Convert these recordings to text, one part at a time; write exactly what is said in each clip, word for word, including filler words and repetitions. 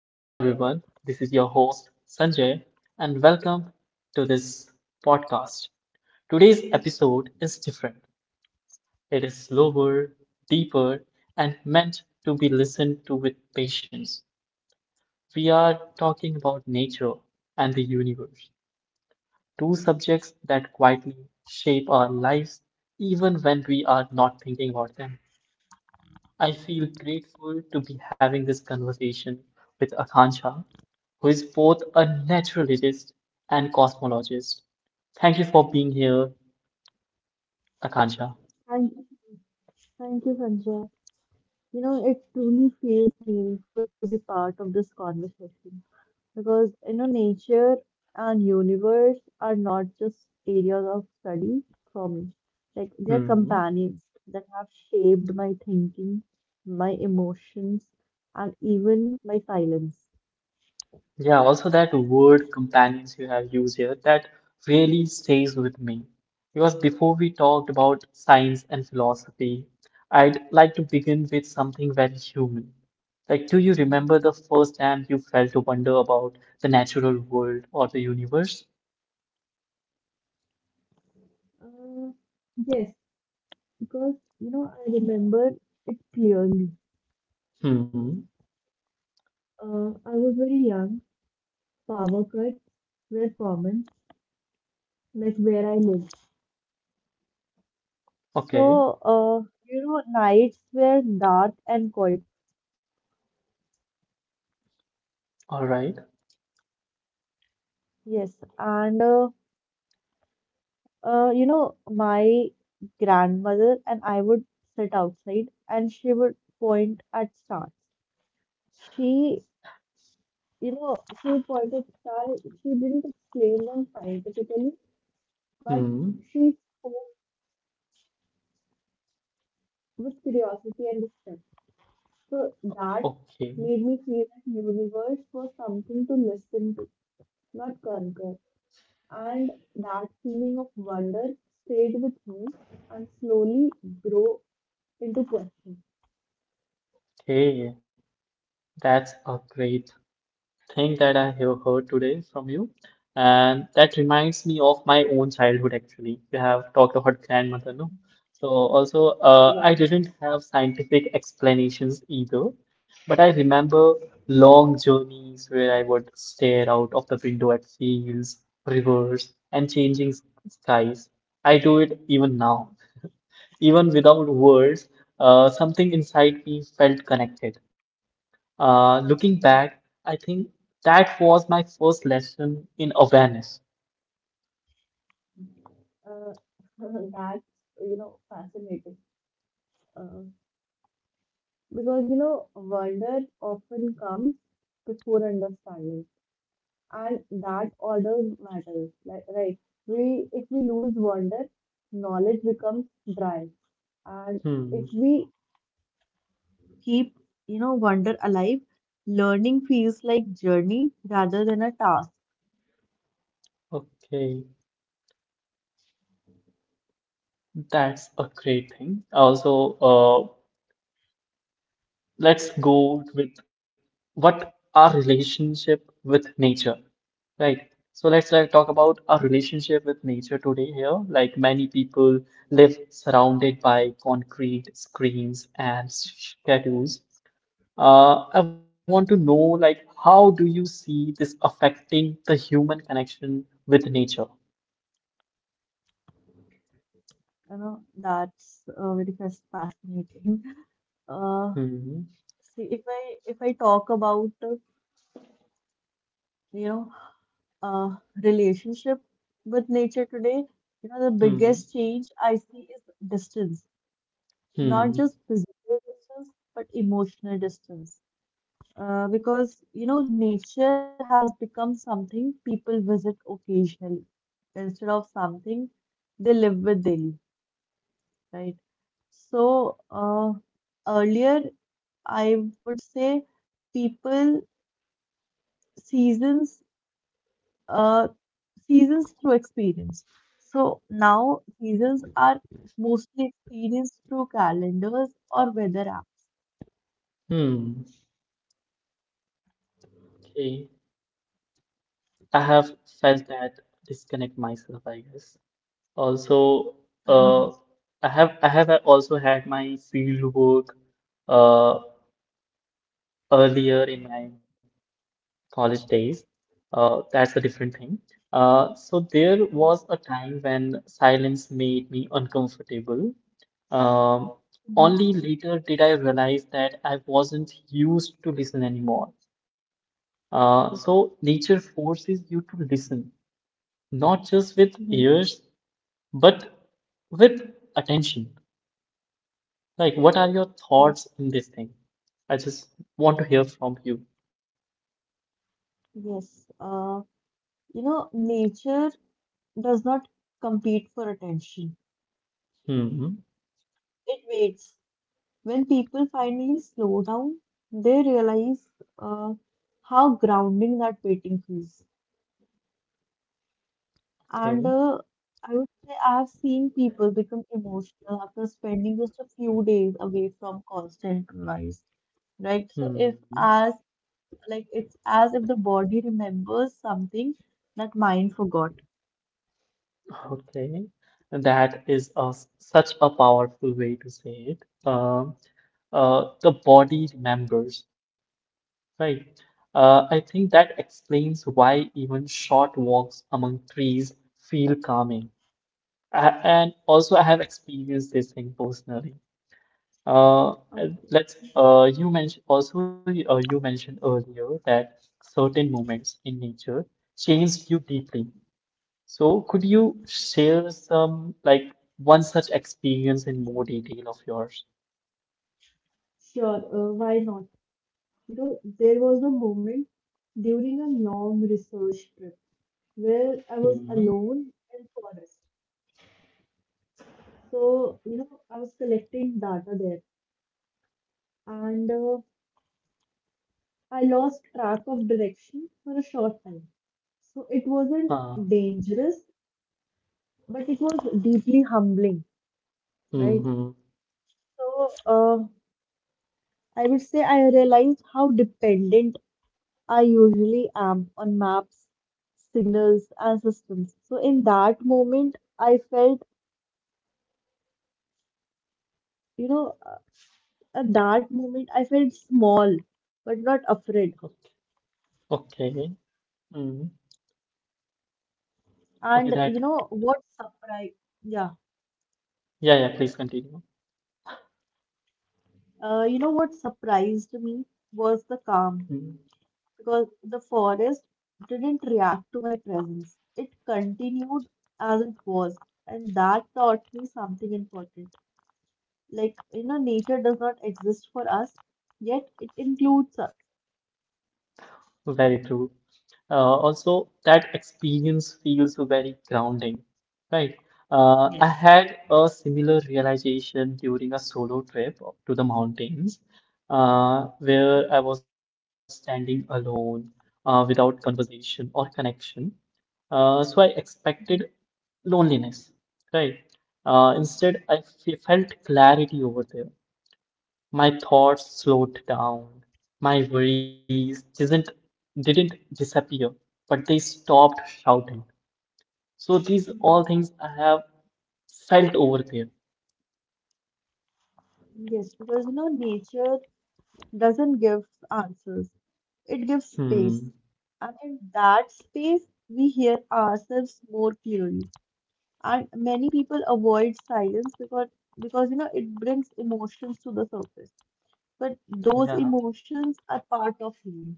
Hello, everyone. This is your host, Sanjay, and welcome to this podcast. Today's episode is different. It is slower, deeper, and meant to be listened to with patience. We are talking about nature and the universe, two subjects that quietly shape our lives even when we are not thinking about them. I feel grateful to be having this conversation with Akansha, who is both a naturalist and cosmologist. Thank you for being here, Akansha. Thank, thank you, Sanjay. You know, it truly feels meaningful to be part of this conversation because, you know, nature and universe are not just areas of study for me. Like, they're Hmm. companions that have shaped my thinking, my emotions, and even my silence. Yeah, also that word companions you have used here that really stays with me. Because before we talked about science and philosophy, I'd like to begin with something very human. Like, do you remember the first time you felt a wonder about the natural world or the universe? Uh, yes, because, you know, I remember it clearly. Hmm. Uh, I was very young, power cuts were common, like where I lived. Okay. So, uh, you know, nights were dark and quiet. All right. Yes, and uh, uh, you know, my grandmother and I would sit outside, and she would point at stars. She, you know, she pointed stars. She didn't explain them scientifically, but Hmm. she spoke with curiosity and respect. So that Okay. made me feel that universe was something to listen to, not conquer. And that feeling of wonder stayed with me and slowly grow into question. Hey, that's a great thing that I have heard today from you. And that reminds me of my own childhood, actually. We have talked about grandmother, no? So also, uh, I Yeah. didn't have scientific explanations either, but I remember long journeys where I would stare out of the window at fields, rivers, and changing s- skies. I do it even now. Even without words, uh, something inside me felt connected. Uh, looking back, I think that was my first lesson in awareness. Uh, that's you know fascinating, uh, because you know wonder often comes before understanding, and that order matters. Like right, we if we lose wonder, knowledge becomes dry, and if Hmm. we keep you know wonder alive, learning feels like journey rather than a task. Okay, that's a great thing. Also, uh, let's go with what our relationship with nature, right? So let's, like, talk about our relationship with nature today here. Like, many people live surrounded by concrete screens and schedules. Uh, I want to know, like, how do you see this affecting the human connection with nature? You know, that's uh, very fas- fascinating. Uh, Hmm. see, if I if I talk about uh, you know uh, relationship with nature today, you know the Hmm. biggest change I see is distance, not Hmm. just physical distance but emotional distance. Uh, because you know nature has become something people visit occasionally instead of something they live with daily. Right? So, uh, earlier, I would say people seasons uh seasons through experience. So now seasons are mostly experienced through calendars or weather apps. Hmm. Okay. I have felt that disconnect myself, I guess. Also, uh, I have I have also had my field work uh earlier in my college days. Uh, that's a different thing. Uh, so there was a time when silence made me uncomfortable. Um, Mhm. Only later did I realize that I wasn't used to listen anymore. Uh, so nature forces you to listen, not just with Mhm. ears, but with attention. Like, what are your Yes. thoughts in this thing? I just want to hear from you. Yes, uh, you know, nature does not compete for attention. Hmm. It waits. When people finally slow down, they realize uh, how grounding that waiting feels. And Okay. uh, I would say I've seen people become emotional after spending just a few days away from constant noise, right? So if Hmm. as like it's as if the body remembers something that mind forgot. Okay. That is a, such a powerful way to say it. Um. Uh, the body remembers. Right. Uh, I think that explains why even short walks among trees feel calming. A- and also, I have experienced this thing personally. Uh, and Okay, let's. Uh, you mentioned also. Uh, you mentioned earlier that certain moments in nature change you deeply. So, could you share some, like, one such experience in more detail of yours? sure, uh, why not? You know, there was a moment during a long research trip, where I was Mm-hmm. alone in forest. So, you know, I was collecting data there and uh, I lost track of direction for a short time. So it wasn't Uh, dangerous, but it was deeply humbling, right? mm-hmm. So uh, I would say I realized how dependent I usually am on maps, signals, and systems. So in that moment, I felt, you know, at that moment, I felt small, but not afraid. Okay. Mm-hmm. Okay. And you that know what surprised, yeah, Yeah, yeah, please continue. uh, you know what surprised me was the Mm. calm because the forest didn't react to my presence. It continued as it was, and that taught me something important. Like, you know, nature does not exist for us, yet it includes us. Very true. Uh, also, that experience feels very grounding, right? Uh, I Yes. had a similar realization during a solo trip to the mountains, uh, where I was standing alone, uh, without conversation or connection. Uh, so I expected Mhm. loneliness, right? Uh, instead, I f- felt clarity over there. My thoughts slowed down. My worries didn't didn't disappear, but they stopped shouting. So these all Mhm. things I have felt over there. Yes, because you know, nature doesn't give answers, it gives Hmm. space. And in that space, we hear ourselves more clearly. And many people avoid silence because, because you know, it brings emotions to the surface. But those Yeah. emotions are part of healing.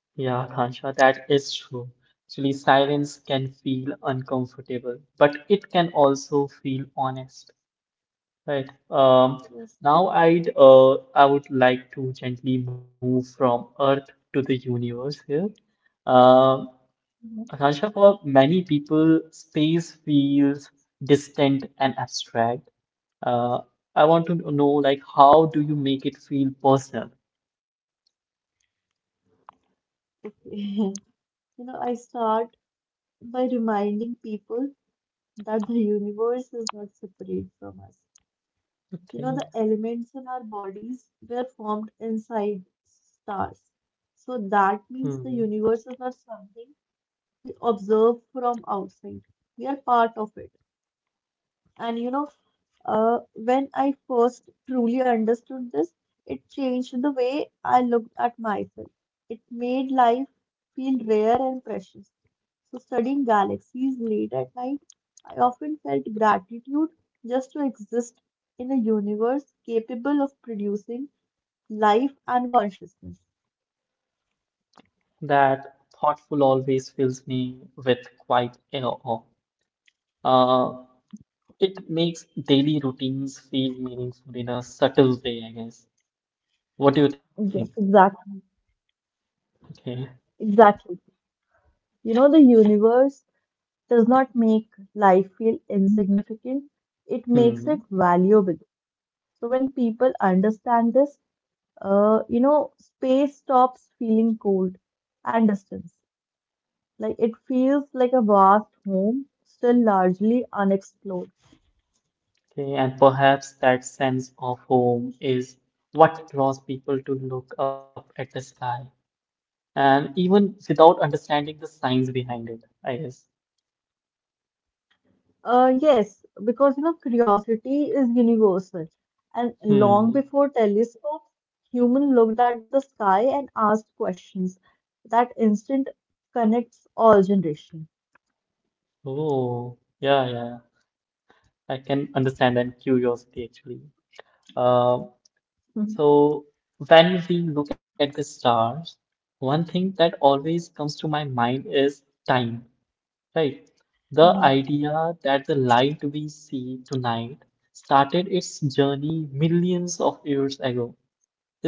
Yeah, Kansha, that is true. Actually, silence can feel uncomfortable, but it can also feel honest, right? Um, Yes. Now I'd uh, I would like to gently move from Earth to the universe here. Um, Mhm. Akansha, for many people, space feels distant and abstract. Uh, I want to know, like, how do you make it feel personal? Okay. You know, I start by reminding people that the universe is not separate from us. You know, Okay. the elements in our bodies were formed inside stars. So that Hmm. means the universe is not something we observe from outside. We are part of it. And you know, uh, when I first truly understood this, it changed the way I looked at myself. It made life feel rare and precious. So, studying galaxies late at night, I often felt gratitude just to exist in a universe capable of producing life and consciousness. That thoughtful always fills me with quite an awe. Uh, it makes daily routines feel meaningful in a subtle way, I guess. What do you think? Yes, exactly. Okay. Exactly. You know, the universe does not make life feel insignificant, it makes Hmm. it valuable. So when people understand this, uh, you know, space stops feeling cold and distance. Like it feels like a vast home, still largely unexplored. Okay, and perhaps that sense of home is what draws people to look up at the sky, and even without understanding the science behind it, I guess. Uh, yes, because you know, curiosity is universal. And long Hmm. before telescopes, human looked at the sky and asked questions. That instinct connects all generations. Oh, yeah, yeah. I can understand that curiosity actually. Uh, Mhm. so when we look at the stars, one thing that always comes to my mind is time, right? The Mhm. idea that the light we see tonight started its journey millions of years ago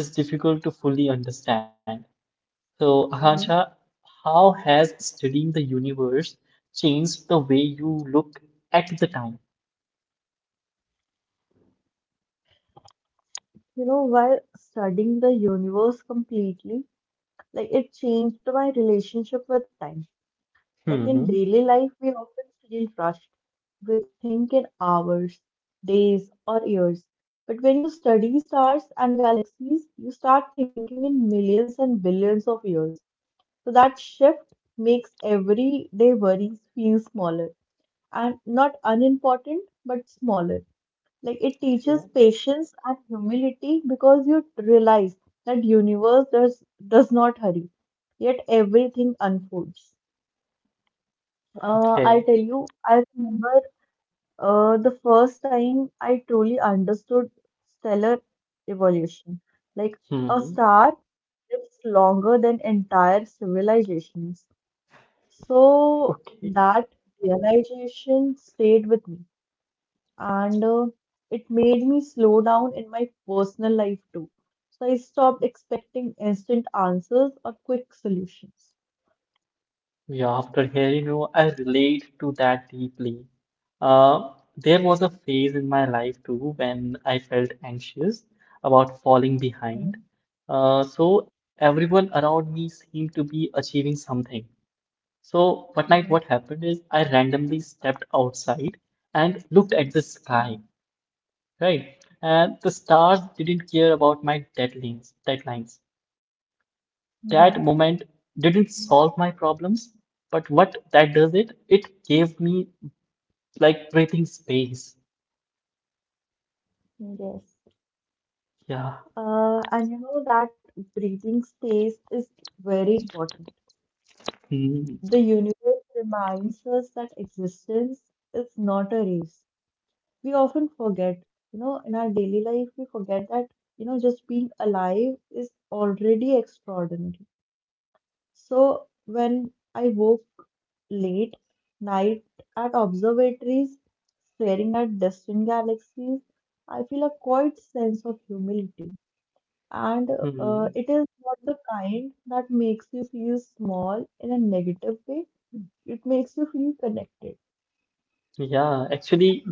is difficult to fully understand. So, Mhm. Akansha, how has studying the universe changed the way you look at the time? You know, while studying the universe completely, like it changed my relationship with time. Like in Hmm. daily life, we often feel rushed. We think in hours, days, or years. But when you study stars and galaxies, you start thinking in millions and billions of years. So that shift makes everyday worries feel smaller and not unimportant, but smaller like it teaches Yeah. patience and humility because you realize that universe does does not hurry yet everything unfolds. uh, I'll Okay. tell you I remember uh, the first time I truly understood stellar evolution, like a Hmm. star lives longer than entire civilizations, so that realization stayed with me and, uh, it made me slow down in my personal life too. So I stopped expecting instant answers or quick solutions. Yeah, after hearing you, I relate to that deeply. Uh, there was a phase in my life too when I felt anxious about falling behind. Uh, so everyone around me seemed to be achieving something. So one night, Mm-hmm. what happened is I randomly stepped outside and looked at the sky, right? And the stars didn't care about my deadlines, deadlines. That Mm-hmm. moment didn't solve my problems, but what that does, it, it gave me, like, breathing space. Yes. Yeah. Uh, and you know that breathing space is very important. Hmm. The universe reminds us that existence is not a race. We often forget, you know, in our daily life, we forget that, you know, just being alive is already extraordinary. So when I woke late night at observatories, staring at distant galaxies, I feel a quiet sense of humility. And uh, Mhm. it is not the kind that makes you feel small in a negative way. It makes you feel connected. Yeah, actually,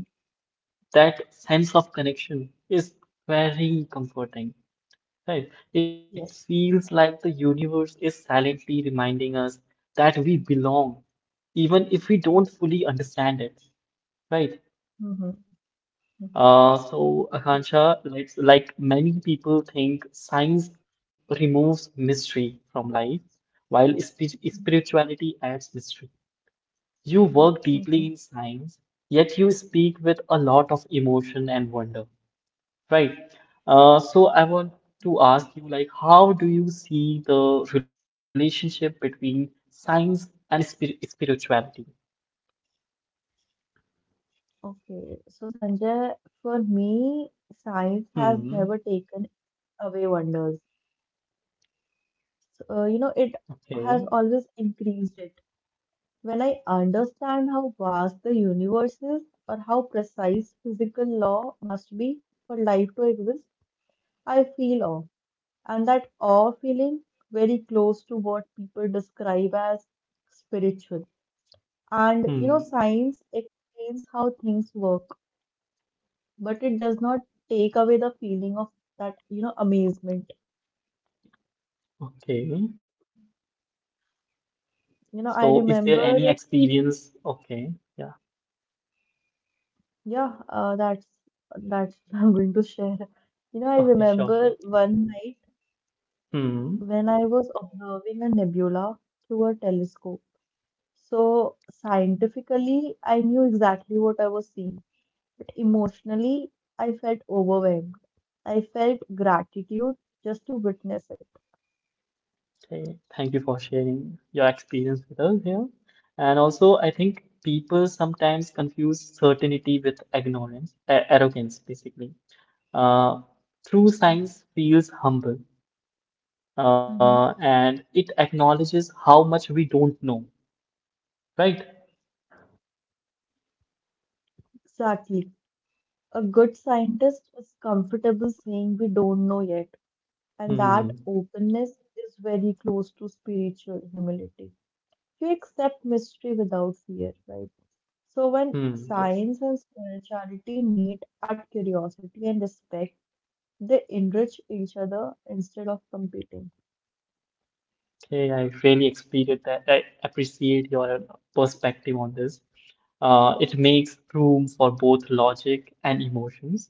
that sense of connection is very comforting. Right. It feels Yes. like the universe is silently reminding us that we belong, even if we don't fully understand it. Right. Hmm. Hmm. Uh, so, Yes. Akansha, like, like many people think science removes mystery from life, while spi- spirituality adds mystery. You work deeply Hmm. in science, yet you speak with a lot of emotion and wonder. Right. Uh, so I want to ask you, like, how do you see the relationship between science and spir spirituality? Okay, so Sanjay, for me, science has Mm. never taken away wonders. Uh, you know, it Okay. has always increased it. When I understand how vast the universe is or how precise physical law must be for life to exist, I feel awe. And that awe feeling very close to what people describe as spiritual. And you know, Hmm. science explains how things work, but it does not take away the feeling of that, you know, amazement. Okay. You know, I So is there any remember. experience? Okay. Yeah. Yeah, uh, that's that's what I'm going to share. You know, I Okay, remember sure, sure. one night Hmm. when I was observing a nebula through a telescope. So scientifically, I knew exactly what I was seeing, but emotionally, I felt overwhelmed. I felt gratitude just to witness it. Okay. Thank you for sharing your experience with us here. And also, I think people sometimes confuse certainty with ignorance, a- arrogance, basically. Uh, True science feels humble, Mm-hmm. uh, and it acknowledges how much we don't know, right? Exactly. A good scientist is comfortable saying we don't know yet, and that Hmm. openness is very close to spiritual humility. You accept mystery without fear, right? So when Hmm, yes. science and spirituality meet at curiosity and respect, they enrich each other instead of competing. Okay, I really appreciate that. I appreciate your perspective on this. Uh, it makes room for both logic and emotions.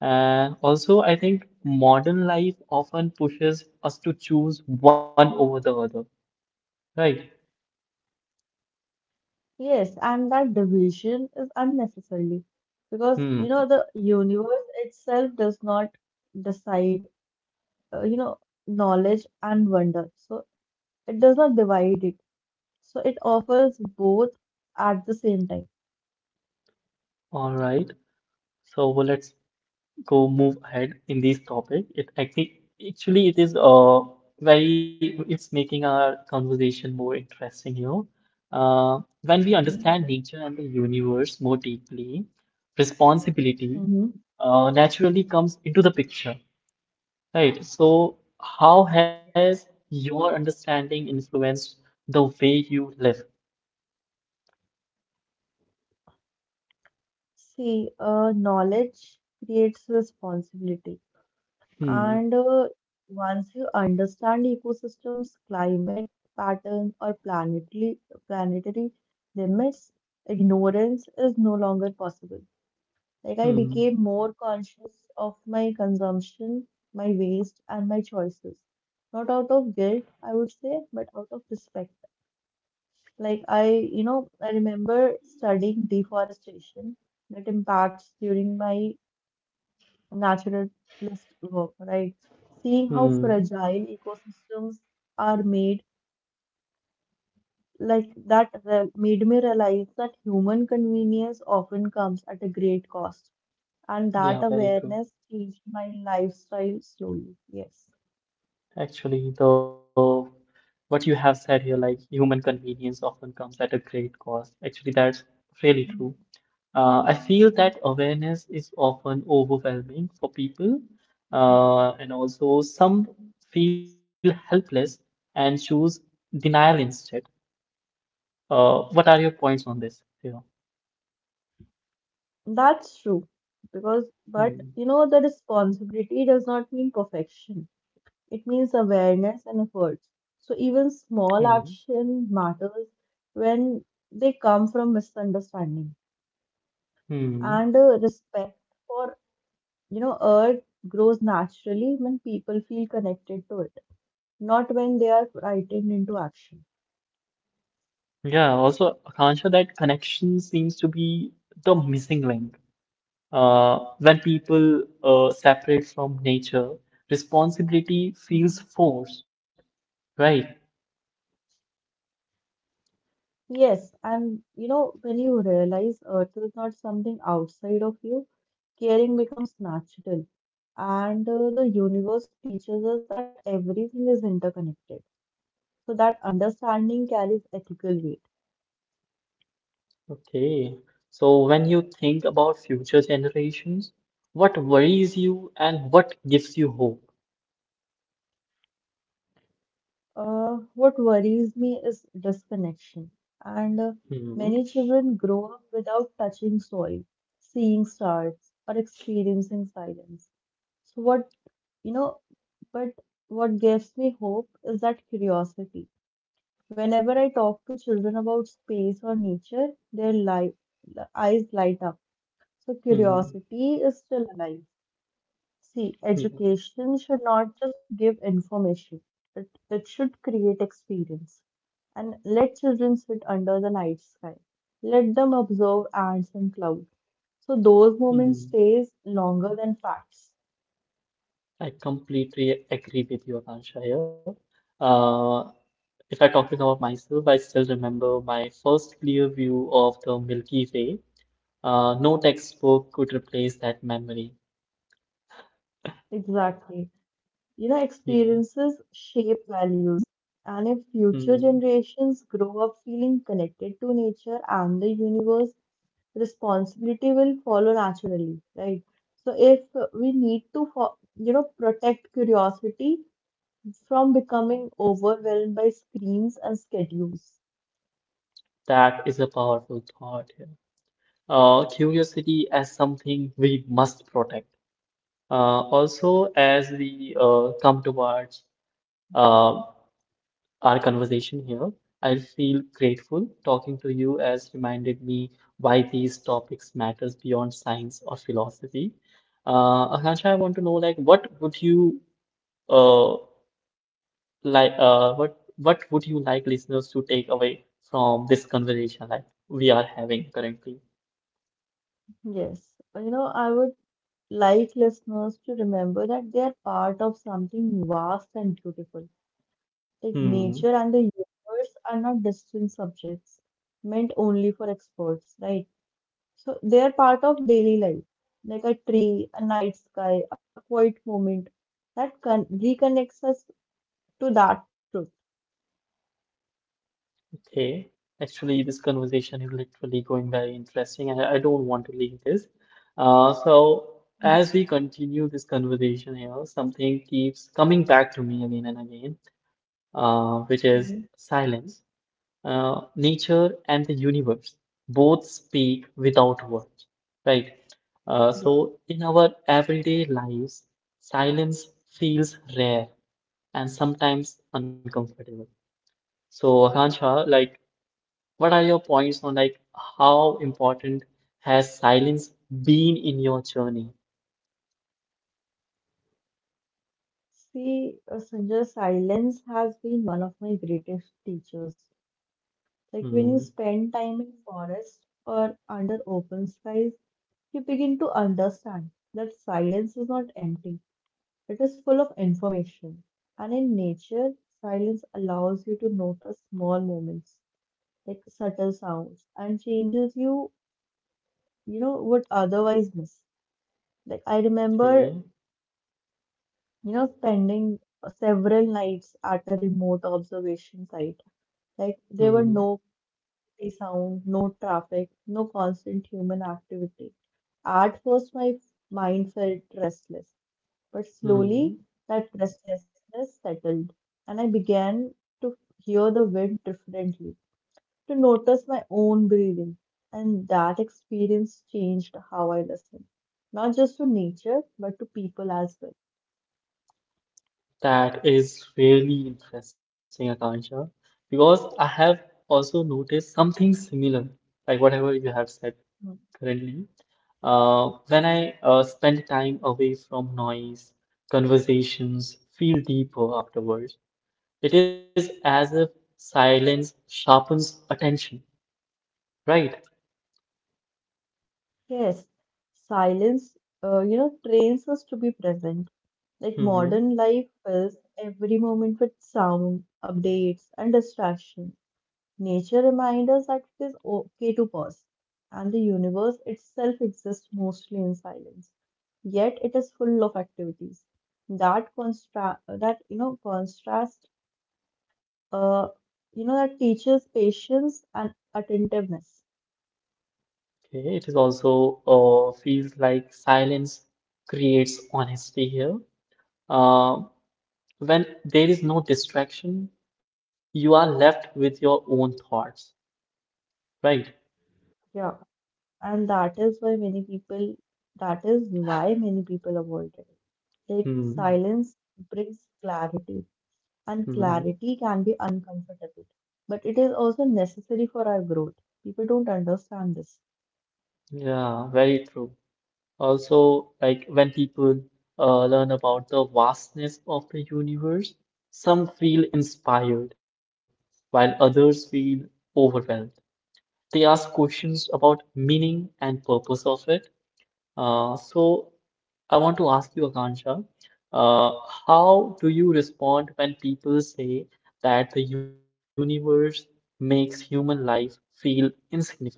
Uh, Also, I think modern life often pushes us to choose one over the other, right? Yes, and that division is unnecessarily because you know Hmm. the universe itself does not decide, uh, you know, knowledge and wonder. So it does not divide it. So it offers both at the same time. All right. So well, let's go move ahead in this topic. It actually, actually it is uh very it's making our conversation more interesting here. Uh, when we understand Mhm. nature and the universe more deeply, responsibility Mhm. uh, naturally comes into the picture, right? So how has your understanding influenced the way you live? See, uh, knowledge creates responsibility, Hmm. and uh, once you understand ecosystems, climate pattern, or planetary planetary limits, ignorance is no longer possible. Like I Hmm. became more conscious of my consumption, my waste, and my choices. Not out of guilt, I would say, but out of respect. Like I, you know, I remember studying deforestation that impacts during my naturalist work, right? Seeing how Hmm. fragile ecosystems are made, like that re- made me realize that human convenience often comes at a great cost. And Yeah, that very true. awareness changed my lifestyle slowly. Yes. Actually, the what you have said here, like, human convenience often comes at a great cost. Actually, that's really true. Uh, I feel that awareness is often overwhelming for people, Mhm. uh, and also some feel helpless and choose denial instead. Uh, what are your points on this? Yeah. That's true. Because, but you Mm. know, the responsibility does not mean perfection. It means awareness and efforts. So even Mm. small action matters when they come from misunderstanding. Mm. And uh, respect for, you know, earth grows naturally when people feel connected to it, not when they are frightened into action. Yeah, also, Akansha, that connection seems to be the missing link. Uh, when people uh, separate from nature, responsibility feels Mhm. forced, right? Yes, and you know, when you realize earth is not something outside of you, caring becomes natural. And uh, the universe teaches us that everything is interconnected. So that understanding carries ethical weight. Okay. So when you think about future generations, what worries you and what gives you hope? Uh, what worries me is disconnection. And uh, Hmm. many children grow up without touching soil, seeing stars, or experiencing silence. So what, you know, but what gives me hope is that curiosity. Whenever I talk to children about space or nature, their li eyes light up. So Hmm. curiosity is still alive. See, Hmm. education should not just give information, it, it should create experience. And let children sit under the night sky. Let them observe ants and clouds. So those moments Hmm. stays longer than facts. I completely agree with you, Akansha, here. Uh, if I talk about myself, I still remember my first clear view of the Milky Way. Uh, no textbook could replace that memory. Exactly. You know, Yeah. experiences shape values. And if future Mm. generations grow up feeling connected to nature and the universe, responsibility will follow naturally, right? So if we need to, fo- you know, protect curiosity from becoming overwhelmed by screens and schedules. That is a powerful thought here. Uh, curiosity as something we must protect. Uh, also, as we uh, come towards uh, our conversation here, I feel grateful talking to you as reminded me why these topics matters beyond science or philosophy. Uh, Akansha, I want to know, like, what would you uh, like uh what what would you like listeners to take away from this conversation, like, we are having currently? Yes, you know, I would like listeners to remember that they are part of something vast and beautiful. Like Hmm. nature and the universe are not distant subjects meant only for experts, right? So they're part of daily life, like a tree, a night sky, a quiet moment that con- reconnects us to that truth. Okay. Actually, this conversation is literally going very interesting, and I don't want to leave this. Uh, so as we continue this conversation here, something keeps coming back to me again and again, uh, which is Mhm. silence. Uh, nature and the universe both speak without words, right? Uh, Yes. So, in our everyday lives, silence feels rare and sometimes uncomfortable. So, Hansha, like, what are your points on, like, how important has silence been in your journey? See, uh, Sanjay, silence has been one of my greatest teachers. Like when you Hmm. spend time in forest or under open skies, you begin to understand that silence is not empty. It is full of information. And in nature, silence allows you to notice small moments like subtle sounds and changes you, you know, would otherwise miss. Like I remember, Okay. you know, spending several nights at a remote observation site. Like there were Hmm. no city sound, no traffic, no constant human activity. At first, my mind felt restless, but Hmm. Hmm. slowly that restlessness settled, and I began to hear the wind differently to notice my own breathing. And that experience changed how I listen, not just to nature, but to people as well. That is really interesting, Akansha, because I have also noticed something similar, like whatever you have said Mm. currently. Uh, when I uh, spend time away from noise, conversations feel deeper afterwards. It is as if silence sharpens attention, right? Yes, silence, uh, you know, trains us to be present. Like Hmm. modern life fills every moment with sound, updates, and distraction. Nature reminds us that it is okay to pause, and the universe itself exists mostly in silence. Yet it is full of activities. That constra that you know contrast uh you know that teaches patience and attentiveness. Okay, it is also, uh, feels like silence creates honesty here. Um, When there is no distraction, you are left with your own thoughts, right? Yeah, and that is why many people that is why many people avoid it. Like Hmm. silence brings clarity and Hmm. clarity can be uncomfortable, but it is also necessary for our growth. People don't understand this. Yeah, very true. Also, like, when people uh, learn about the vastness of the universe, some feel inspired, while others feel overwhelmed. They ask questions about meaning and purpose of it. Uh, so I want to ask you, Akansha, uh, how do you respond when people say that the universe makes human life feel insignificant?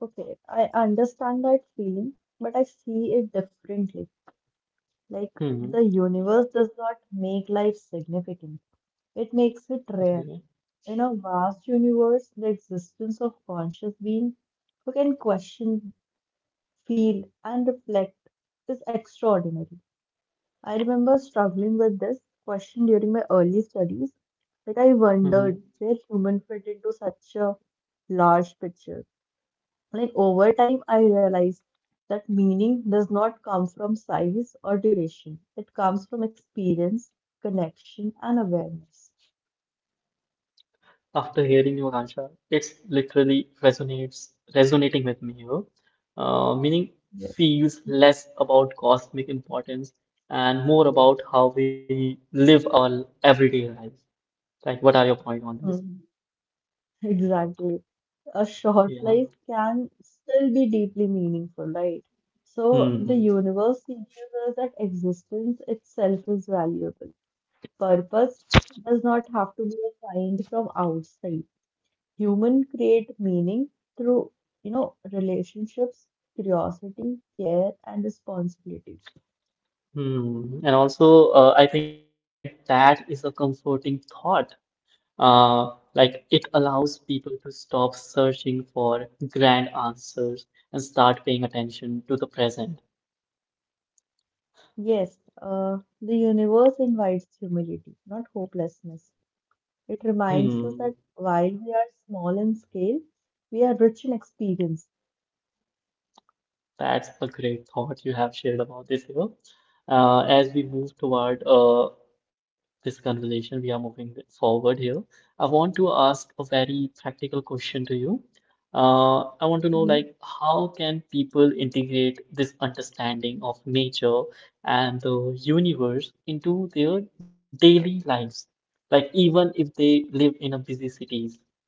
Okay, I understand that feeling, but I see it differently. Like Hmm. the universe does not make life significant, it makes it Okay. rare. In a vast universe, the existence of conscious being who can question, feel, and reflect is extraordinary. I remember struggling with this question during my early studies. Like, I Hmm. wondered where human fit into such a large picture. Like, over time, I realized that meaning does not come from size or duration, it comes from experience, connection, and awareness. After hearing you, Akansha, it's literally resonates resonating with me, you know, uh, meaning Yes. feels less about cosmic importance and more about how we live our everyday life. Like, what are your point on this? Mm, exactly. A short Yeah. life can still be deeply meaningful, right? So the Hmm. universe teaches us that existence itself is valuable. Purpose does not have to be assigned from outside. Human create meaning through, you know, relationships, curiosity, care, and responsibility. Hmm. And also, uh, I think that is a comforting thought. Uh, like, it allows people to stop searching for grand answers and start paying attention to the present. Yes, uh, the universe invites humility, not hopelessness. It reminds Hmm. us that while we are small in scale, we are rich in experience. That's a great thought you have shared about this, you know. Uh, as we move toward uh, this conversation. We are moving forward here. I want to ask a very practical question to you. Uh, I want to know, like, Mm-hmm. how can people integrate this understanding of nature and the universe into their daily lives? Like, even if they live in a busy cities.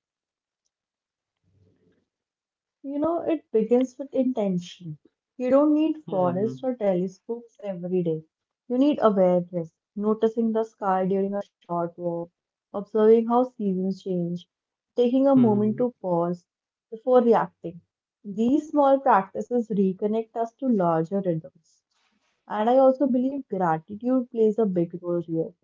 You know, it begins with intention. You don't need forests or Hmm. telescopes every day. You need awareness, noticing the sky during a short walk, observing how seasons change, taking a moment to Hmm. pause before reacting. These small practices reconnect us to larger rhythms. And I also believe gratitude plays a big role here.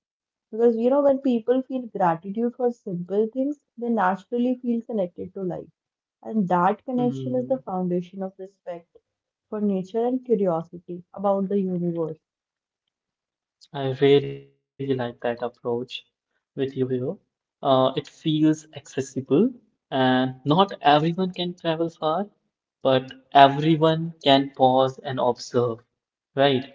Because, you know, when people feel gratitude for simple things, they naturally feel connected to life. And that connection is the Hmm. foundation of respect for nature and curiosity about the universe. I really like that approach with you here. Uh, it feels accessible, and not everyone can travel far, but everyone can pause and observe, right?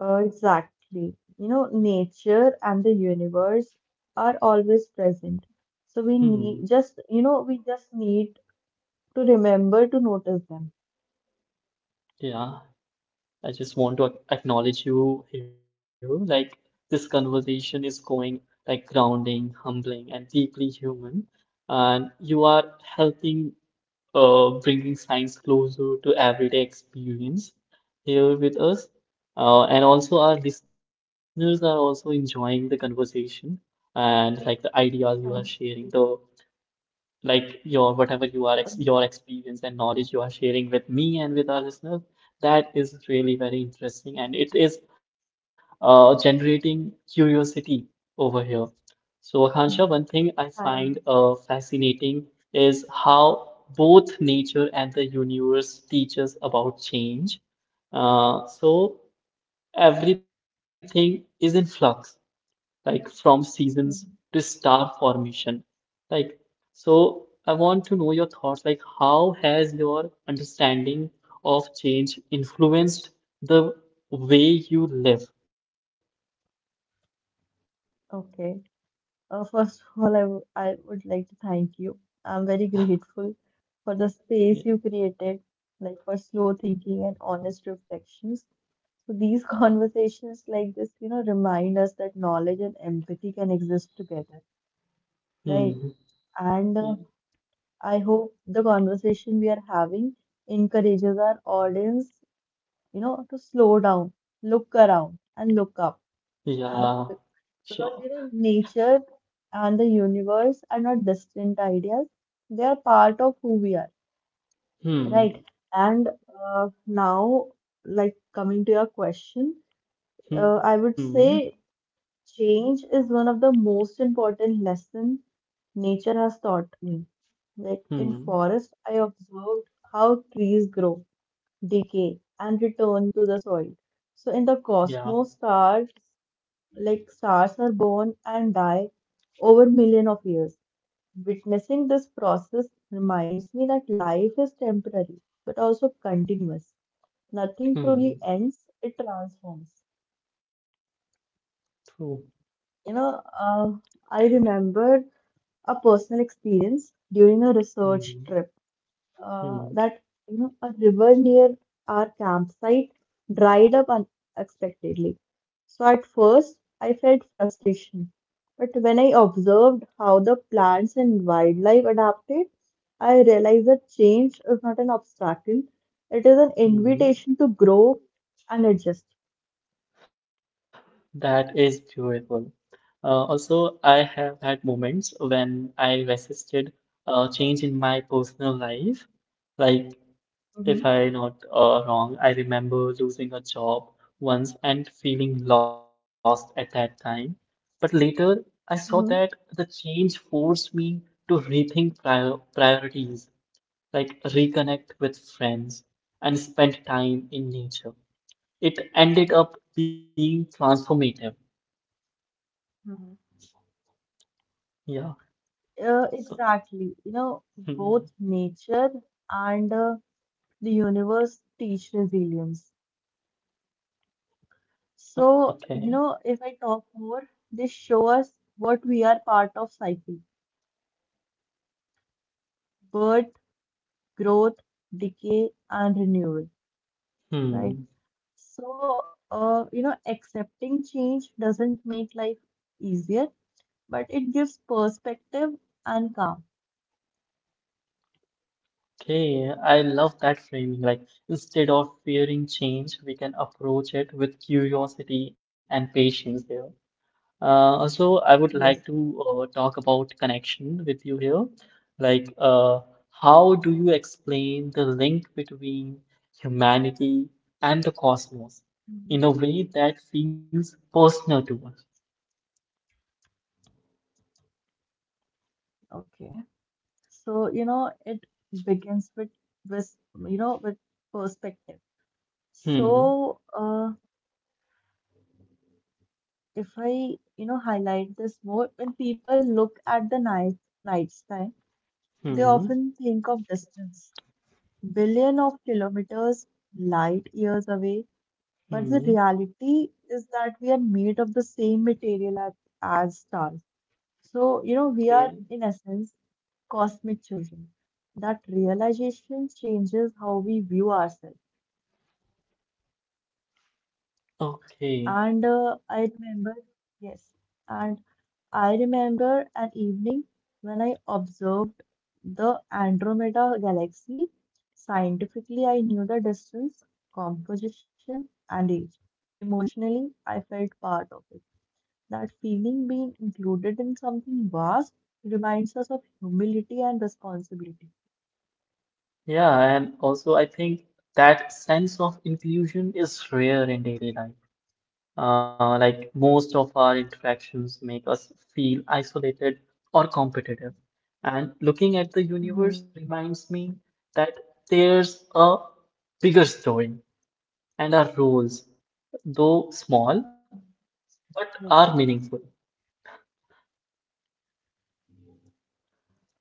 Uh, exactly. You know, nature and the universe are always present. So we Hmm. need just, you know, we just need to remember to notice them. Yeah, I just want to ac- acknowledge you here. Like, this conversation is going like grounding, humbling, and deeply human. And you are helping uh, bringing science closer to everyday experience here with us. Uh, and also, our listeners are also enjoying the conversation and like the ideas you are Right. sharing, the like your whatever you are Uh, ex your experience and knowledge you are sharing with me and with our listeners, that is really very interesting, and it is uh, generating curiosity over here. So Akansha, one thing I Hi. find uh, fascinating is how both nature and the universe teach us about change. Uh, so everything is in flux, like from seasons to Mhm. star formation. Like, so I want to know your thoughts. Like, how has your understanding of change influenced the way you live? Okay. Uh, first of all, I, w I would like to thank you. I'm very grateful for the Yeah. space you created, like for slow thinking and honest reflections. So these conversations like this, you know, remind us that knowledge and empathy can exist together, Hmm. right? And uh, I hope the conversation we are having encourages our audience, you know, to slow down, look around, and look up. Yeah. Yeah. Be- Sure. Because, you know, nature and the universe are not distant ideas, they are part of who we are, right? Hmm. And uh, now, like coming to your question, uh, Hmm. I would say change is one of the most important lessons nature has taught me. Like in Hmm. forest, I observed how trees grow, decay, and return to the soil. So in the Yeah. cosmos, stars like stars are born and die over million of years. Witnessing this process reminds me that life is temporary but also continuous. Nothing Hmm. truly ends; it transforms. True. You know, uh, I remember a personal experience during a Hmm. research trip uh, Hmm. that you know a river near our campsite dried up unexpectedly. So at first I felt frustration, but when I observed how the plants and wildlife adapted, I realized that change is not an obstacle; it is an Hmm. Hmm. invitation to grow and adjust. That is beautiful. Uh, also, I have had moments when I resisted uh, change in my personal life. Like, if Mm-hmm. I not uh, wrong, I remember losing a job once and feeling lost at that time. But later, I saw that Mhm. the change forced me to rethink prior priorities, like reconnect with friends and spend time in nature. It ended up being transformative. Mm-hmm. Yeah. Uh, So, exactly. You know, mm, both nature and uh, the universe teach resilience. So, okay. you know, if I talk more, they show us what we are part of cycle, birth, growth, decay, and renewal, right? Hmm. So, uh, you know, accepting change doesn't make life easier, but it gives perspective and calm. Okay, I love that framing. Like, instead of fearing change, we can approach it with curiosity and patience there. Uh, also, I would like Yes. to uh, talk about connection with you here. Like, uh, how do you explain the link between humanity and the cosmos in Mhm. a way that feels personal to us? Okay. So, you know, it begins with, with, you know, with perspective. Hmm. So, uh, if I, you know, highlight this more, when people look at the night night sky, they Hmm. often think of distance, billion of kilometers, light years away. But the Hmm. reality is that we are made of the same material as, as stars. So, you know, Okay. we are in essence cosmic children. That realization changes how we view ourselves. Okay. And uh, I remember, yes. And I remember an evening when I observed the Andromeda galaxy. Scientifically, I knew the distance, composition, and age. Emotionally, I felt part of it. That feeling being included in something vast reminds us of humility and responsibility. Yeah, and also I think that sense of inclusion is rare in daily life. Uh, like most of our interactions make us feel isolated or competitive. And looking at the universe Hmm. reminds me that there's a bigger story, and our roles, though small, but are Yes. meaningful.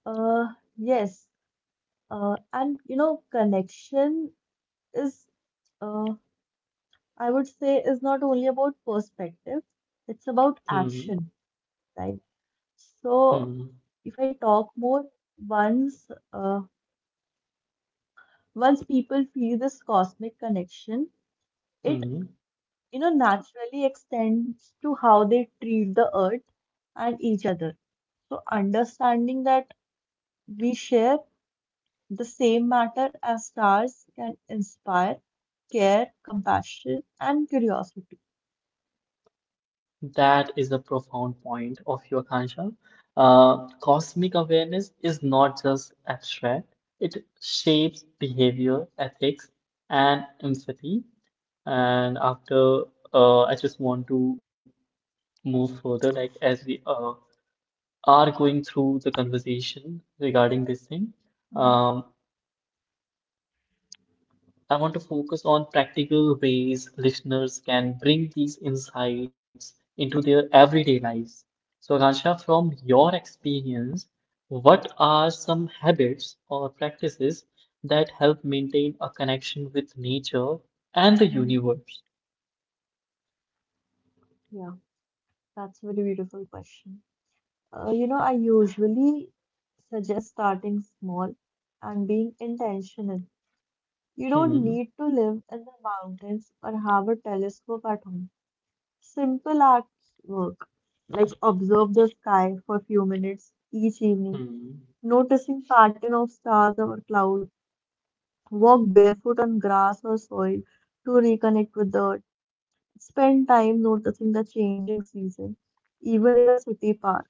Uh, yes. Uh, and you know, connection is, uh, I would say, is not only about perspective, it's about Hmm. action. Right? So Hmm. if I talk more, once uh, once people feel this cosmic connection, it Hmm. you know naturally extends to how they treat the earth and each other. So understanding that we share the same matter as stars can inspire care, compassion, and curiosity. That is a profound point of your Kanshal. Uh, cosmic awareness is not just abstract, it shapes behavior, ethics, and empathy. And after, uh, I just want to move further, like as we uh, are going through the conversation regarding this thing. Mhm. Um, I want to focus on practical ways listeners can bring these insights into their everyday lives. So, Ransha, from your experience, what are some habits or practices that help maintain a connection with nature and the universe? Yeah, that's a very beautiful question. Uh, you know, I usually suggest starting small and being intentional. You don't Hmm. need to live in the mountains or have a telescope at home. Simple acts work, like observe the sky for a few minutes each evening, Hmm. noticing pattern of stars or clouds, walk barefoot on grass or soil to reconnect with the earth, spend time noticing the changing season, even in a city park.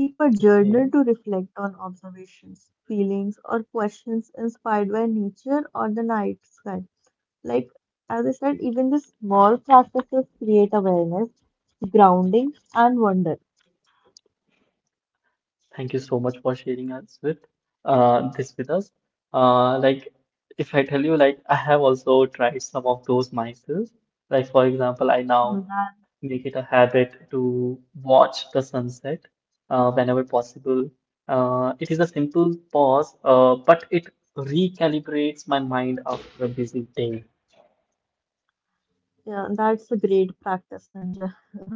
Keep a journal to Okay. reflect on observations, feelings, or questions inspired by nature or the night sky. Like, as I said, even the small practices create awareness, grounding, and wonder. Thank you so much for sharing us with uh, this with us. Uh, like if I tell you, like I have also tried some of those myself. Like for example, I now Mhm. make it a habit to watch the sunset uh, whenever possible. Uh, it is a simple pause, uh, but it recalibrates my mind after a busy day. Yeah, that's a great practice, Sanjay.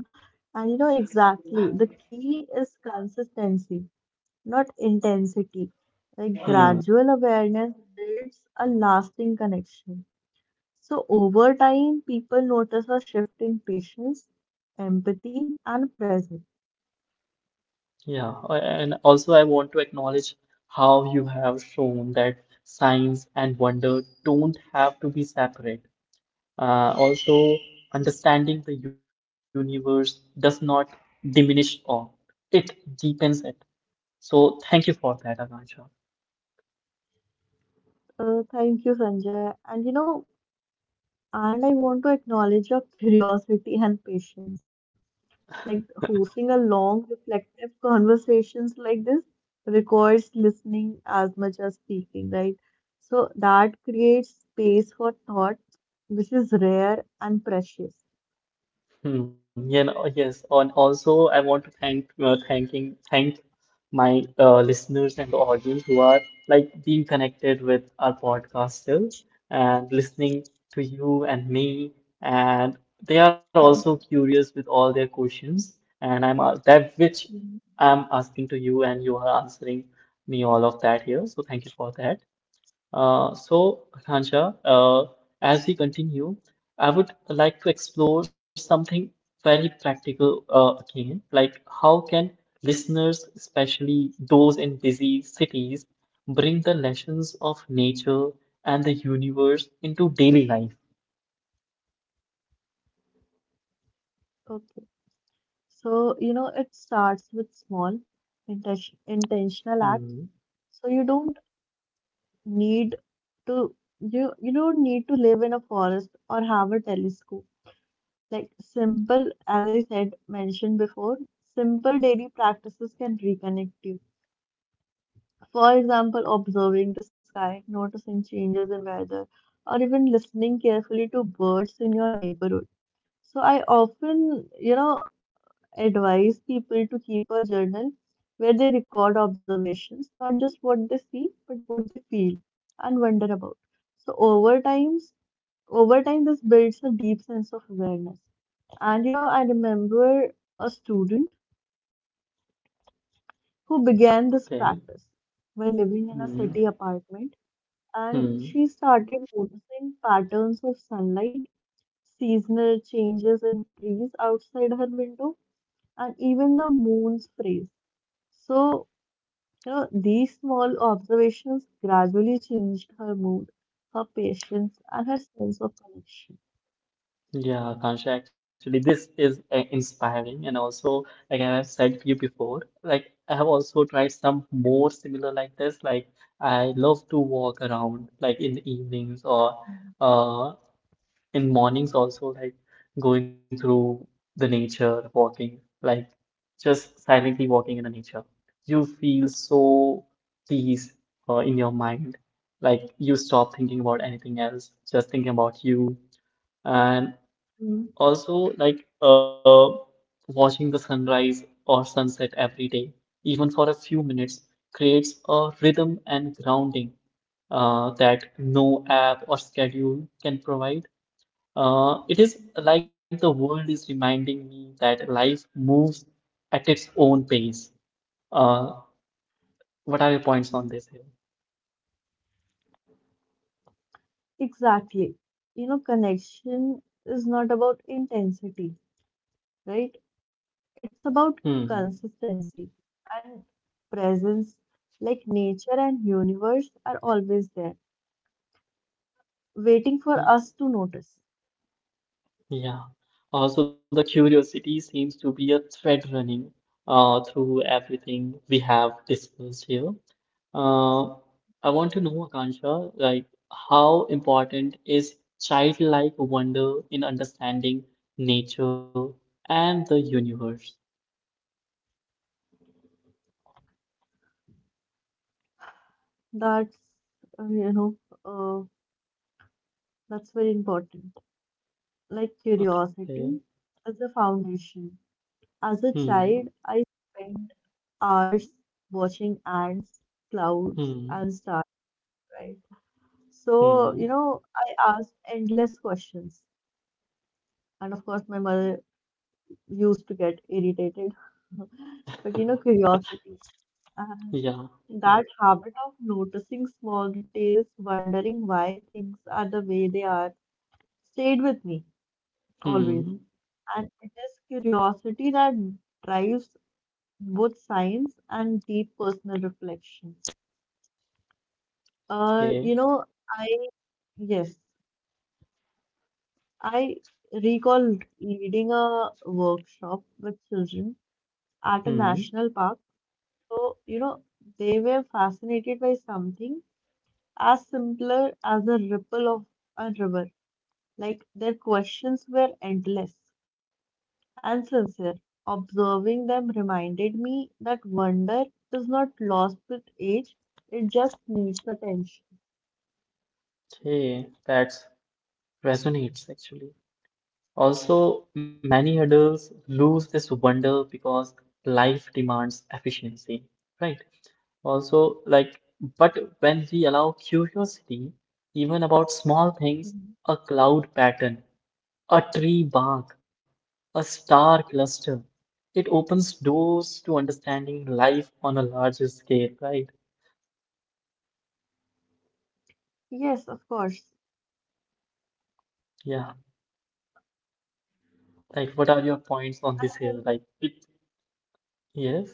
And you know exactly, the key is consistency, not intensity. Like Hmm. gradual awareness builds a lasting connection. So, over time, people notice a shift in patience, empathy, and presence. Yeah, a- and also I want to acknowledge how you have shown that science and wonder don't have to be separate. Uh, also, understanding the universe does not diminish awe, it deepens it. So, thank you for that, Akansha. Uh, thank you, Sanjay. And you know, and I want to acknowledge your curiosity and patience. Like hosting a long, reflective conversations like this requires listening as much as speaking, right? So that creates space for thought, which is rare and precious. Hmm. Yeah. Know, yes, and also I want to thank uh, thanking thank my uh, listeners and the audience who are like being connected with our podcast still and listening to you and me, and they are also Mhm. curious with all their questions, and I'm uh, that which Mhm. I'm asking to you, and you are answering me all of that here. So thank you for that. Uh, so, Ransha, uh, as we continue, I would like to explore something very practical uh, again, like how can listeners, especially those in busy cities, bring the lessons of nature and the universe into daily life? Okay. So, you know, it starts with small intention, intentional acts. Hmm, So you don't need to you you don't need to live in a forest or have a telescope. Like simple, as I said, mentioned before, simple daily practices can reconnect you. For example, observing the sky, noticing changes in weather, or even listening carefully to birds in your neighborhood. So I often, you know, advise people to keep a journal where they record observations, not just what they see, but what they feel and wonder about. So over times, over time, this builds a deep sense of awareness. And you know, I remember a student who began this okay. practice while living in a city Hmm, apartment, and she hmm. started noticing patterns of sunlight, seasonal changes in trees outside her window, and even the moon's phase. So So these small observations gradually changed her mood, her patience, and her sense of connection. Yeah, Akansha, actually, this is uh, inspiring. And also, like I have said to you before, like I have also tried some more similar like this. Like, I love to walk around, like in the evenings or uh, in mornings also, like going through the nature, walking, like just silently walking in the nature. You feel so peace uh, in your mind. Like, you stop thinking about anything else, just thinking about you. And Mm. also, like uh, watching the sunrise or sunset every day, even for a few minutes, creates a rhythm and grounding uh, that no app or schedule can provide. Uh, it is like the world is reminding me that life moves at its own pace. Uh, what are your points on this here? Exactly. You know, connection is not about intensity, right? It's about Hmm. consistency and presence. Like nature and universe are always there, waiting for us to notice. Yeah. Also, the curiosity seems to be a thread running uh, through everything we have discussed here. Uh, I want to know, Akansha, like how important is childlike wonder in understanding nature and the universe? That's, uh, you know, uh, that's very important. Like curiosity is the foundation. As a Hmm. child, I spent hours watching ants, clouds, Hmm. and stars. Right. Hmm. So, you know, I asked endless questions. And of course, my mother used to get irritated. But, you know, curiosity. And Yeah. that habit of noticing small details, wondering why things are the way they are, stayed with me always. Hmm. And it is curiosity that drives both science and deep personal reflection. Uh, Okay. you know, I, yes, I recall leading a workshop with children at a Hmm. national park. So, you know, they were fascinated by something as simpler as a ripple of a river. Like their questions were endless and sincere. Observing them reminded me that wonder is not lost with age, it just needs attention. Okay. That resonates actually. Also, many adults lose this wonder because life demands efficiency, right? Also, like, but when we allow curiosity, even about small things, Mhm. a cloud pattern, a tree bark, a star cluster, it opens doors to understanding life on a larger scale, right? Yes, of course. Yeah. Like, what are your points on this here? I Like, it, yes?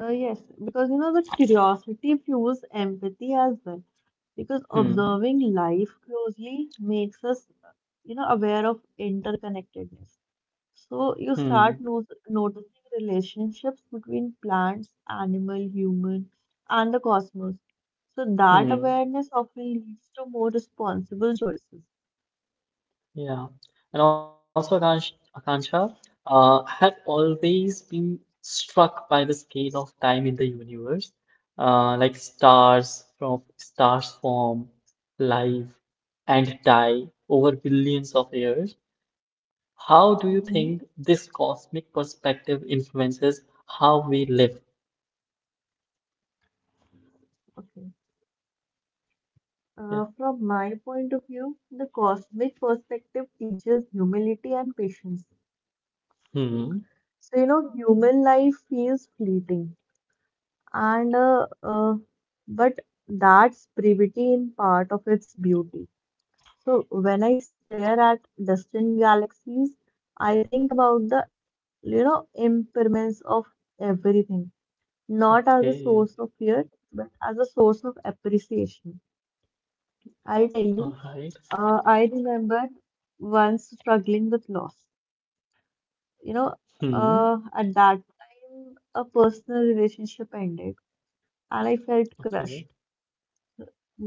Uh, yes, because you know the curiosity fuels empathy as well. Because Hmm. observing life closely makes us, you know, aware of interconnectedness. So you Hmm. start no noticing relationships between plants, animal, human, and the cosmos. So that Hmm. awareness often leads to more responsible choices. Yeah. And also, Akansh, Akansha, uh, I have always been struck by the scale of time in the universe, uh, like stars from stars form, live, and die over billions of years. How do you think Hmm. this cosmic perspective influences how we live? Okay. Uh, Yeah. from my point of view, the cosmic perspective teaches humility and patience. Hmm. So, you know, human life feels fleeting, and uh, uh, but that's brevity in part of its beauty. So, when I stare at distant galaxies, I think about the, you know, impermanence of everything, not as a source of Okay. fear, but as a source of appreciation. I'll tell you, All right. uh, I remember once struggling with loss. You Hmm. know, uh, at that time, a personal relationship ended and I felt crushed. Okay.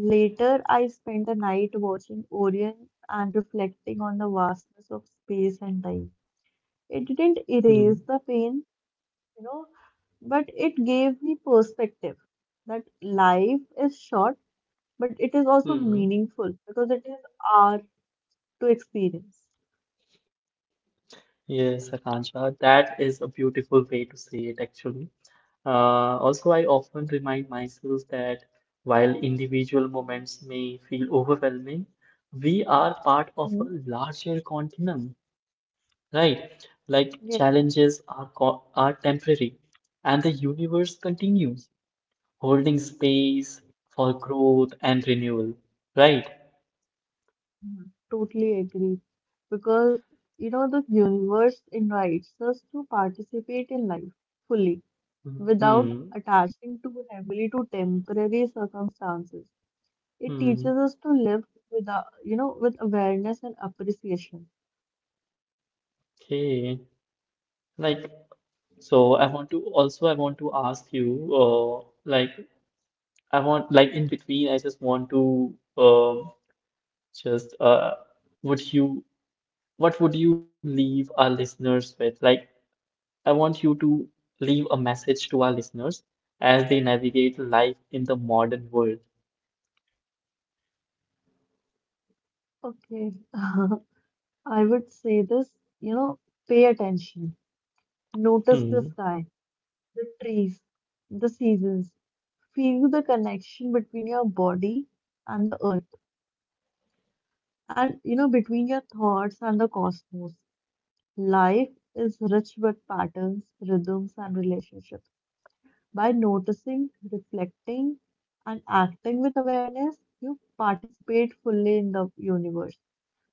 Later, I spent a night watching Orion and reflecting on the vastness of space and time. It didn't Hmm. erase the pain, you know, but it gave me perspective that life is short, but it is also meaningful Hmm. because it is our to experience. Yes, Akansha, that is a beautiful way to say it actually. Uh, also, I often remind myself that while individual moments may feel overwhelming, we are part of a Mhm. larger continuum, right? Like Yeah. challenges are co are temporary, and the universe continues, holding space for growth and renewal, right? Mhm, totally agree. Because, you know, the universe invites us to participate in life fully without Hmm. attaching too heavily to temporary circumstances. It Hmm. teaches us to live with, you know, with awareness and appreciation. Okay. Like So I want to also I want to ask you uh, like I want like in between I just want to um just uh would you what would you leave our listeners with? Like I want you to leave a message to our listeners as they navigate life in the modern world. Okay, I would say this, you know, pay attention, notice Hmm. the sky, the trees, the seasons, feel the connection between your body and the earth, and you know, between your thoughts and the cosmos. Life is rich with patterns, rhythms, and relationships. By noticing, reflecting, and acting with awareness, you participate fully in the universe.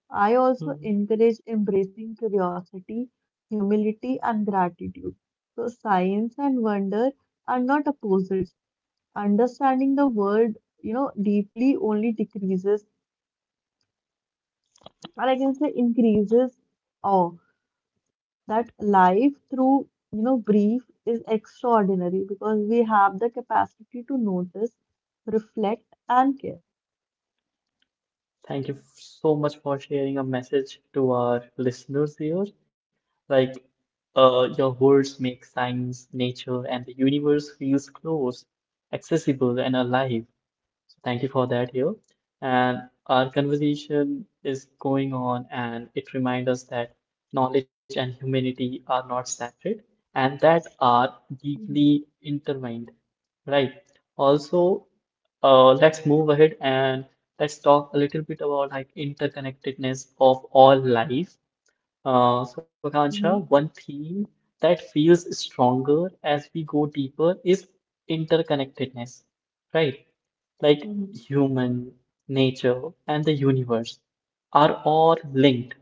I also encourage embracing curiosity, humility, and gratitude. So, science and wonder are not opposites. Understanding the world, you know, deeply only decreases, or I can say increases awe. That life through you know grief is extraordinary because we have the capacity to notice, reflect, and care. Thank you so much for sharing a message to our listeners here. Like, uh, your words make science, nature, and the universe feels close, accessible, and alive. So thank you for that here. And our conversation is going on, and it reminds us that knowledge and humanity are not separate and that are Mm-hmm. deeply intertwined, right? Also, uh, let's move ahead and let's talk a little bit about like interconnectedness of all life. Uh, so, Akansha, one theme that feels stronger as we go deeper is interconnectedness, right? Like Mm-hmm. human, nature, and the universe are all linked.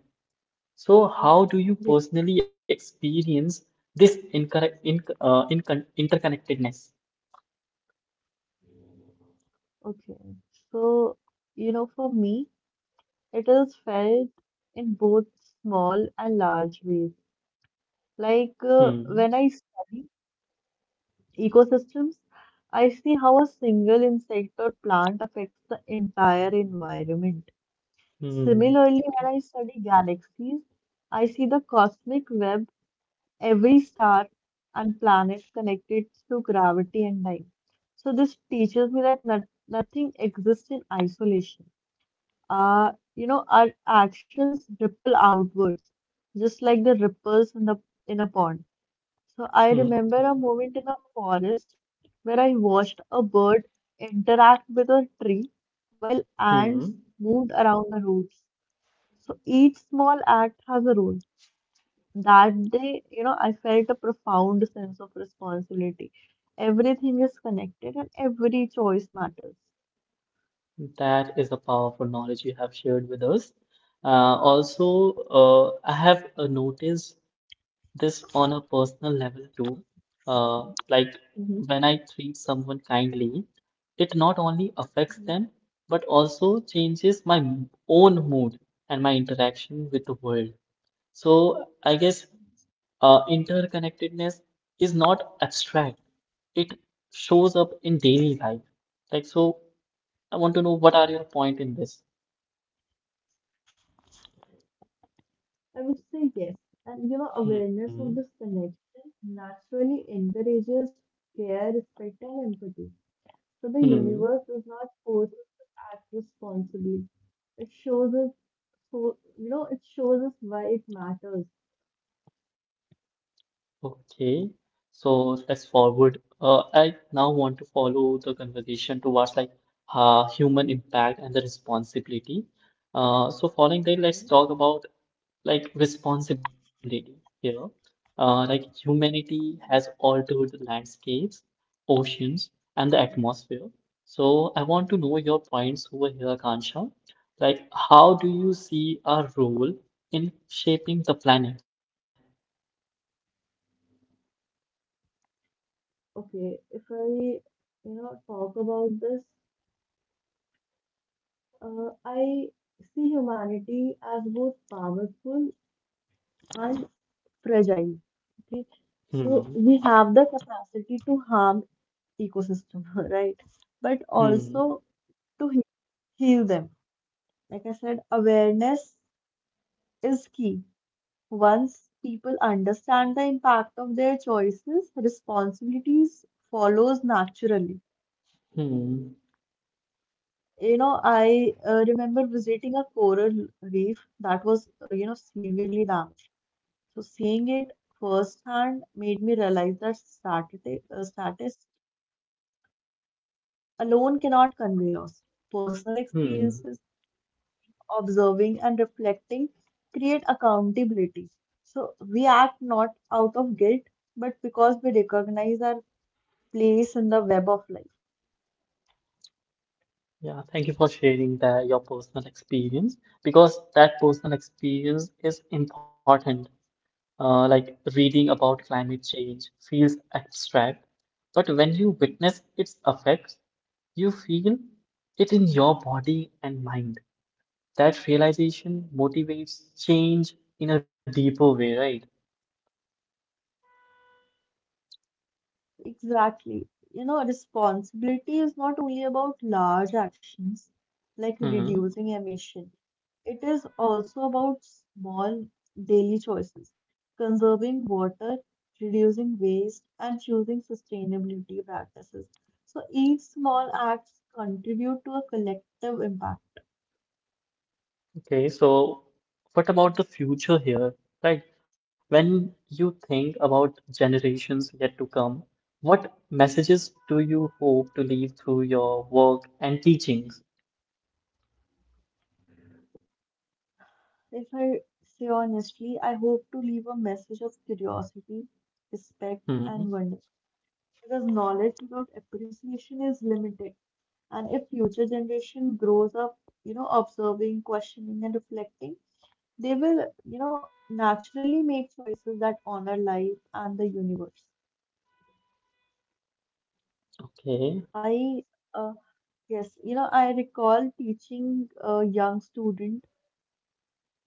So, how do you Yeah. personally experience this incorrect, in, uh, incon interconnectedness? Okay, so you know, for me, it is felt in both small and large ways. Like uh, Hmm, when I study ecosystems, I see how a single insect or plant affects the entire environment. hmm, Similarly, when I study galaxies, I see the cosmic web, every star and planet connected through gravity and time. So this teaches me that not- nothing exists in isolation. Uh, you know, our actions ripple outwards, just like the ripples in the in a pond. So I hmm, remember a moment in a forest where I watched a bird interact with a tree while ants hmm. moved around the roots. So each small act has a role. That day, you know, I felt a profound sense of responsibility. Everything is connected and every choice matters. That is the powerful knowledge you have shared with us. Uh, also, uh, I have uh, noticed this on a personal level too. Uh, like when I treat someone kindly, it not only affects Mhm. them, but also changes my m- own mood and my interaction with the world. So I guess uh, interconnectedness is not abstract. It shows up in daily life. Like so. I want to know what are your point in this? I would say yes. And you know, Hmm. awareness of this connection naturally encourages care, respect, and empathy. So the Hmm. universe does not force us to act responsibly. It shows us, so you know, it shows us why it matters. Okay. So let's forward. Uh, I now want to follow the conversation towards like uh, human impact and the responsibility. Uh, so following that, let's talk about like responsibility here. Uh, like humanity has altered the landscapes, oceans, and the atmosphere. So I want to know your points over here, Kansha. Like, how do you see our role in shaping the planet? Okay, if I, you know, talk about this, uh, I see humanity as both powerful and fragile. Okay, Hmm. so we have the capacity to harm ecosystem, right? But Hmm. also to he- heal them. Like I said, awareness is key. Once people understand the impact of their choices, responsibilities follows naturally. Hmm. You know, I uh, remember visiting a coral reef that was, uh, you know, severely damaged. So seeing it firsthand made me realize that stati- uh, statistics alone cannot convey loss. Personal Hmm. experiences, observing and reflecting create accountability. So we act not out of guilt, but because we recognize our place in the web of life. Yeah, thank you for sharing that your personal experience because that personal experience is important. Uh, like reading about climate change feels abstract, but when you witness its effects, you feel it in your body and mind. That realization motivates change in a deeper way, right? Exactly. You know, responsibility is not only about large actions like Hmm. reducing emission. It is also about small daily choices, conserving water, reducing waste, and choosing sustainability practices. So each small acts contribute to a collective impact. Okay, so what about the future here, right? When you think about generations yet to come, what messages do you hope to leave through your work and teachings? If I say honestly, I hope to leave a message of curiosity, respect, Hmm. and wonder because knowledge without appreciation is limited. And if future generation grows up, you know, observing, questioning, and reflecting, they will, you know, naturally make choices that honor life and the universe. Okay. I, uh, yes, you know, I recall teaching a young student,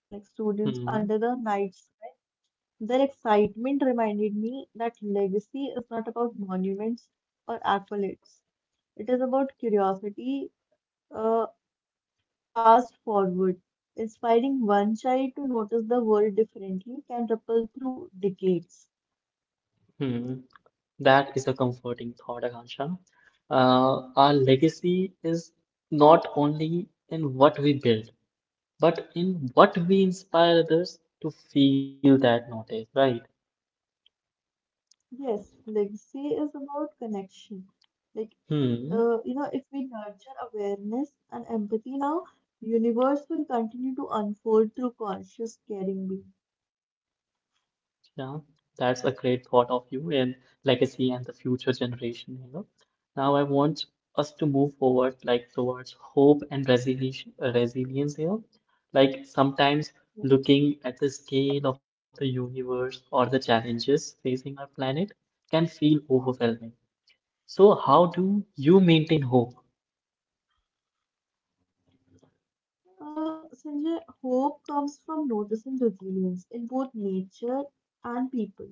like students Hmm. under the night sky. Their excitement reminded me that legacy is not about monuments or accolades. It is about curiosity, uh, fast forward, inspiring one child to notice the world differently can ripple through decades. Hmm, that is a comforting thought, Akansha. Uh, our legacy is not only in what we build, but in what we inspire others to feel that notice, right? Yes, legacy is about connection. Like, uh, Hmm. you know, if we nurture awareness and empathy now, universe will continue to unfold through conscious caring being. Yeah, that's a great thought of you and legacy and the future generation here. Now I want us to move forward like towards hope and resilience resilience here. Like sometimes looking at the scale of the universe or the challenges facing our planet can feel overwhelming. So how do you maintain hope? Uh, Sanjay, hope comes from noticing resilience in both nature and people.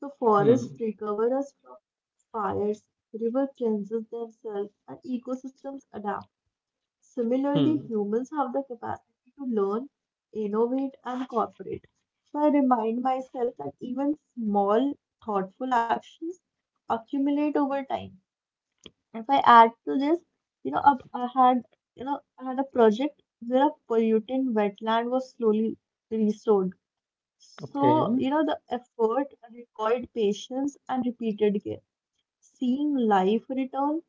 So Hmm. forests recover us from fires, river cleanses themselves, and ecosystems adapt. Similarly, Hmm. humans have the capacity to learn, innovate, and cooperate. So I remind myself that even small, thoughtful actions accumulate over time. If I add to this, you know, up- I had, you know, I had a project where a polluted wetland was slowly restored, Okay. so, you know, the effort required patience and repeated care. Seeing life return,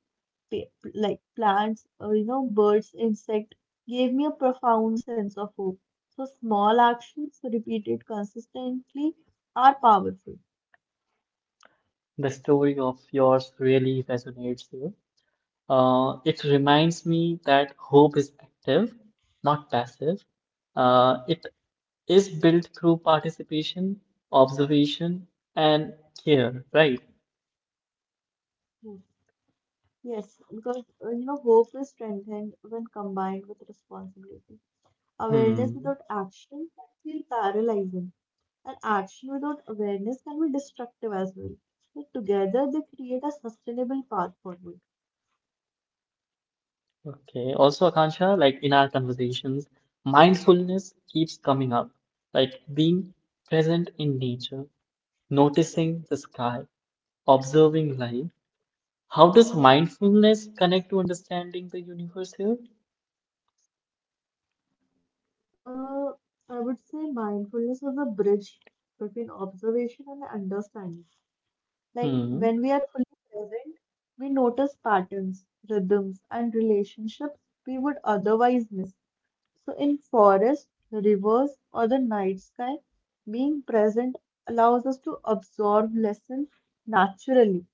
pa- like plants, or, you know, birds, insect, gave me a profound sense of hope. So, small actions repeated consistently are powerful. The story of yours really resonates here. Uh, it reminds me that hope is active, not passive. Uh, it is built through participation, observation, and care, right? Hmm. Yes, because, uh, you know, hope is strengthened when combined with responsibility. Awareness Hmm. without action can feel paralyzing. And action without awareness can be destructive as well. But together, they create a sustainable path forward. Okay. Also, Akansha, like in our conversations, mindfulness keeps coming up, like being present in nature, noticing the sky, observing life. How does mindfulness connect to understanding the universe here? Uh, I would say mindfulness is a bridge between observation and understanding. Like Hmm. when we are fully present, we notice patterns, rhythms, and relationships we would otherwise miss. So, in forests, rivers, or the night sky, being present allows us to absorb lessons naturally.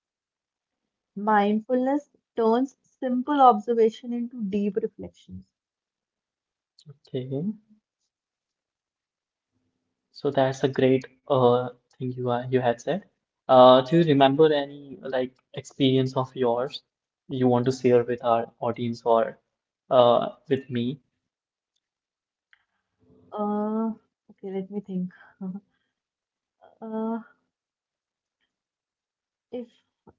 Mindfulness turns simple observation into deep reflections. Okay. So that's a great uh thing you are you had said. Uh, do you remember any like experience of yours you want to share with our audience or uh with me? Uh, okay, let me think. Uh, if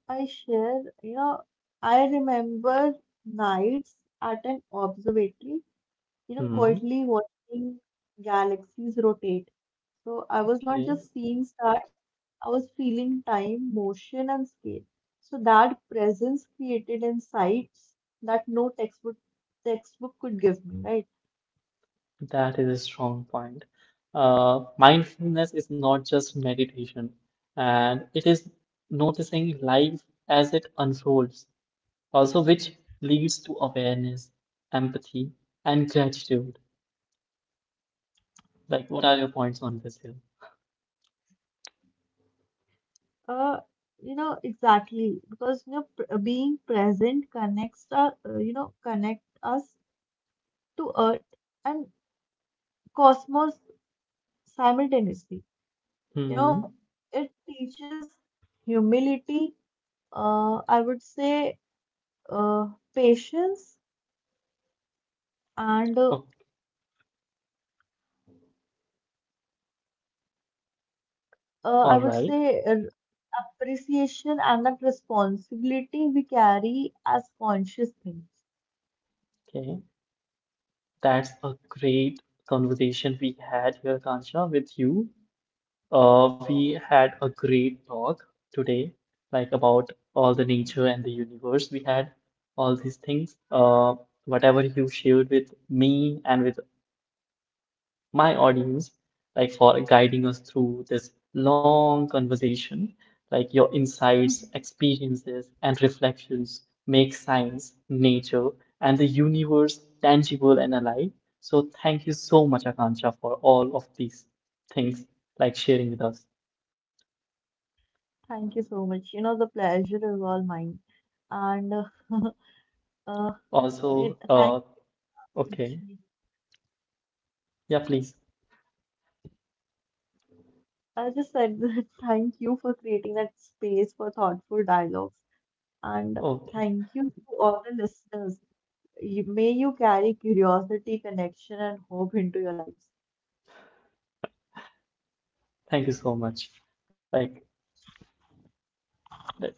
I share, you know, I remember nights at an observatory, you know, Hmm. quietly watching galaxies rotate. So I was not just seeing stars, I was feeling time, motion, and scale. So that presence created insights that no textbook textbook could give me, right? That is a strong point. Uh, mindfulness is not just meditation, and it is noticing life as it unfolds, also which leads to awareness, empathy, and gratitude. Like, what are your points on this here? Uh, you know, exactly. Because, you know, pr uh, being present connects, uh, uh, you know, connect us to Earth and cosmos simultaneously. You Hmm. know, it teaches humility, uh, I would say, uh, patience, and uh, uh, All I would right. say uh, appreciation and that responsibility we carry as conscious things. Okay. That's a great conversation we had here, Kancha, with you. Uh, we had a great talk today, like about all the nature and the universe. We had all these things. Uh, whatever you shared with me and with my audience, like for guiding us through this long conversation. Like your insights, experiences, and reflections make science, nature, and the universe tangible and alive. So thank you so much, Akansha, for all of these things, like sharing with us. Thank you so much. You know, the pleasure is all mine. And uh, Uh, it, Also, thank uh, okay, yeah, please. I just said that thank you for creating that space for thoughtful dialogues, and Okay, thank you to all the listeners. You, may you carry curiosity, connection, and hope into your lives. thank you so much. Like, that's.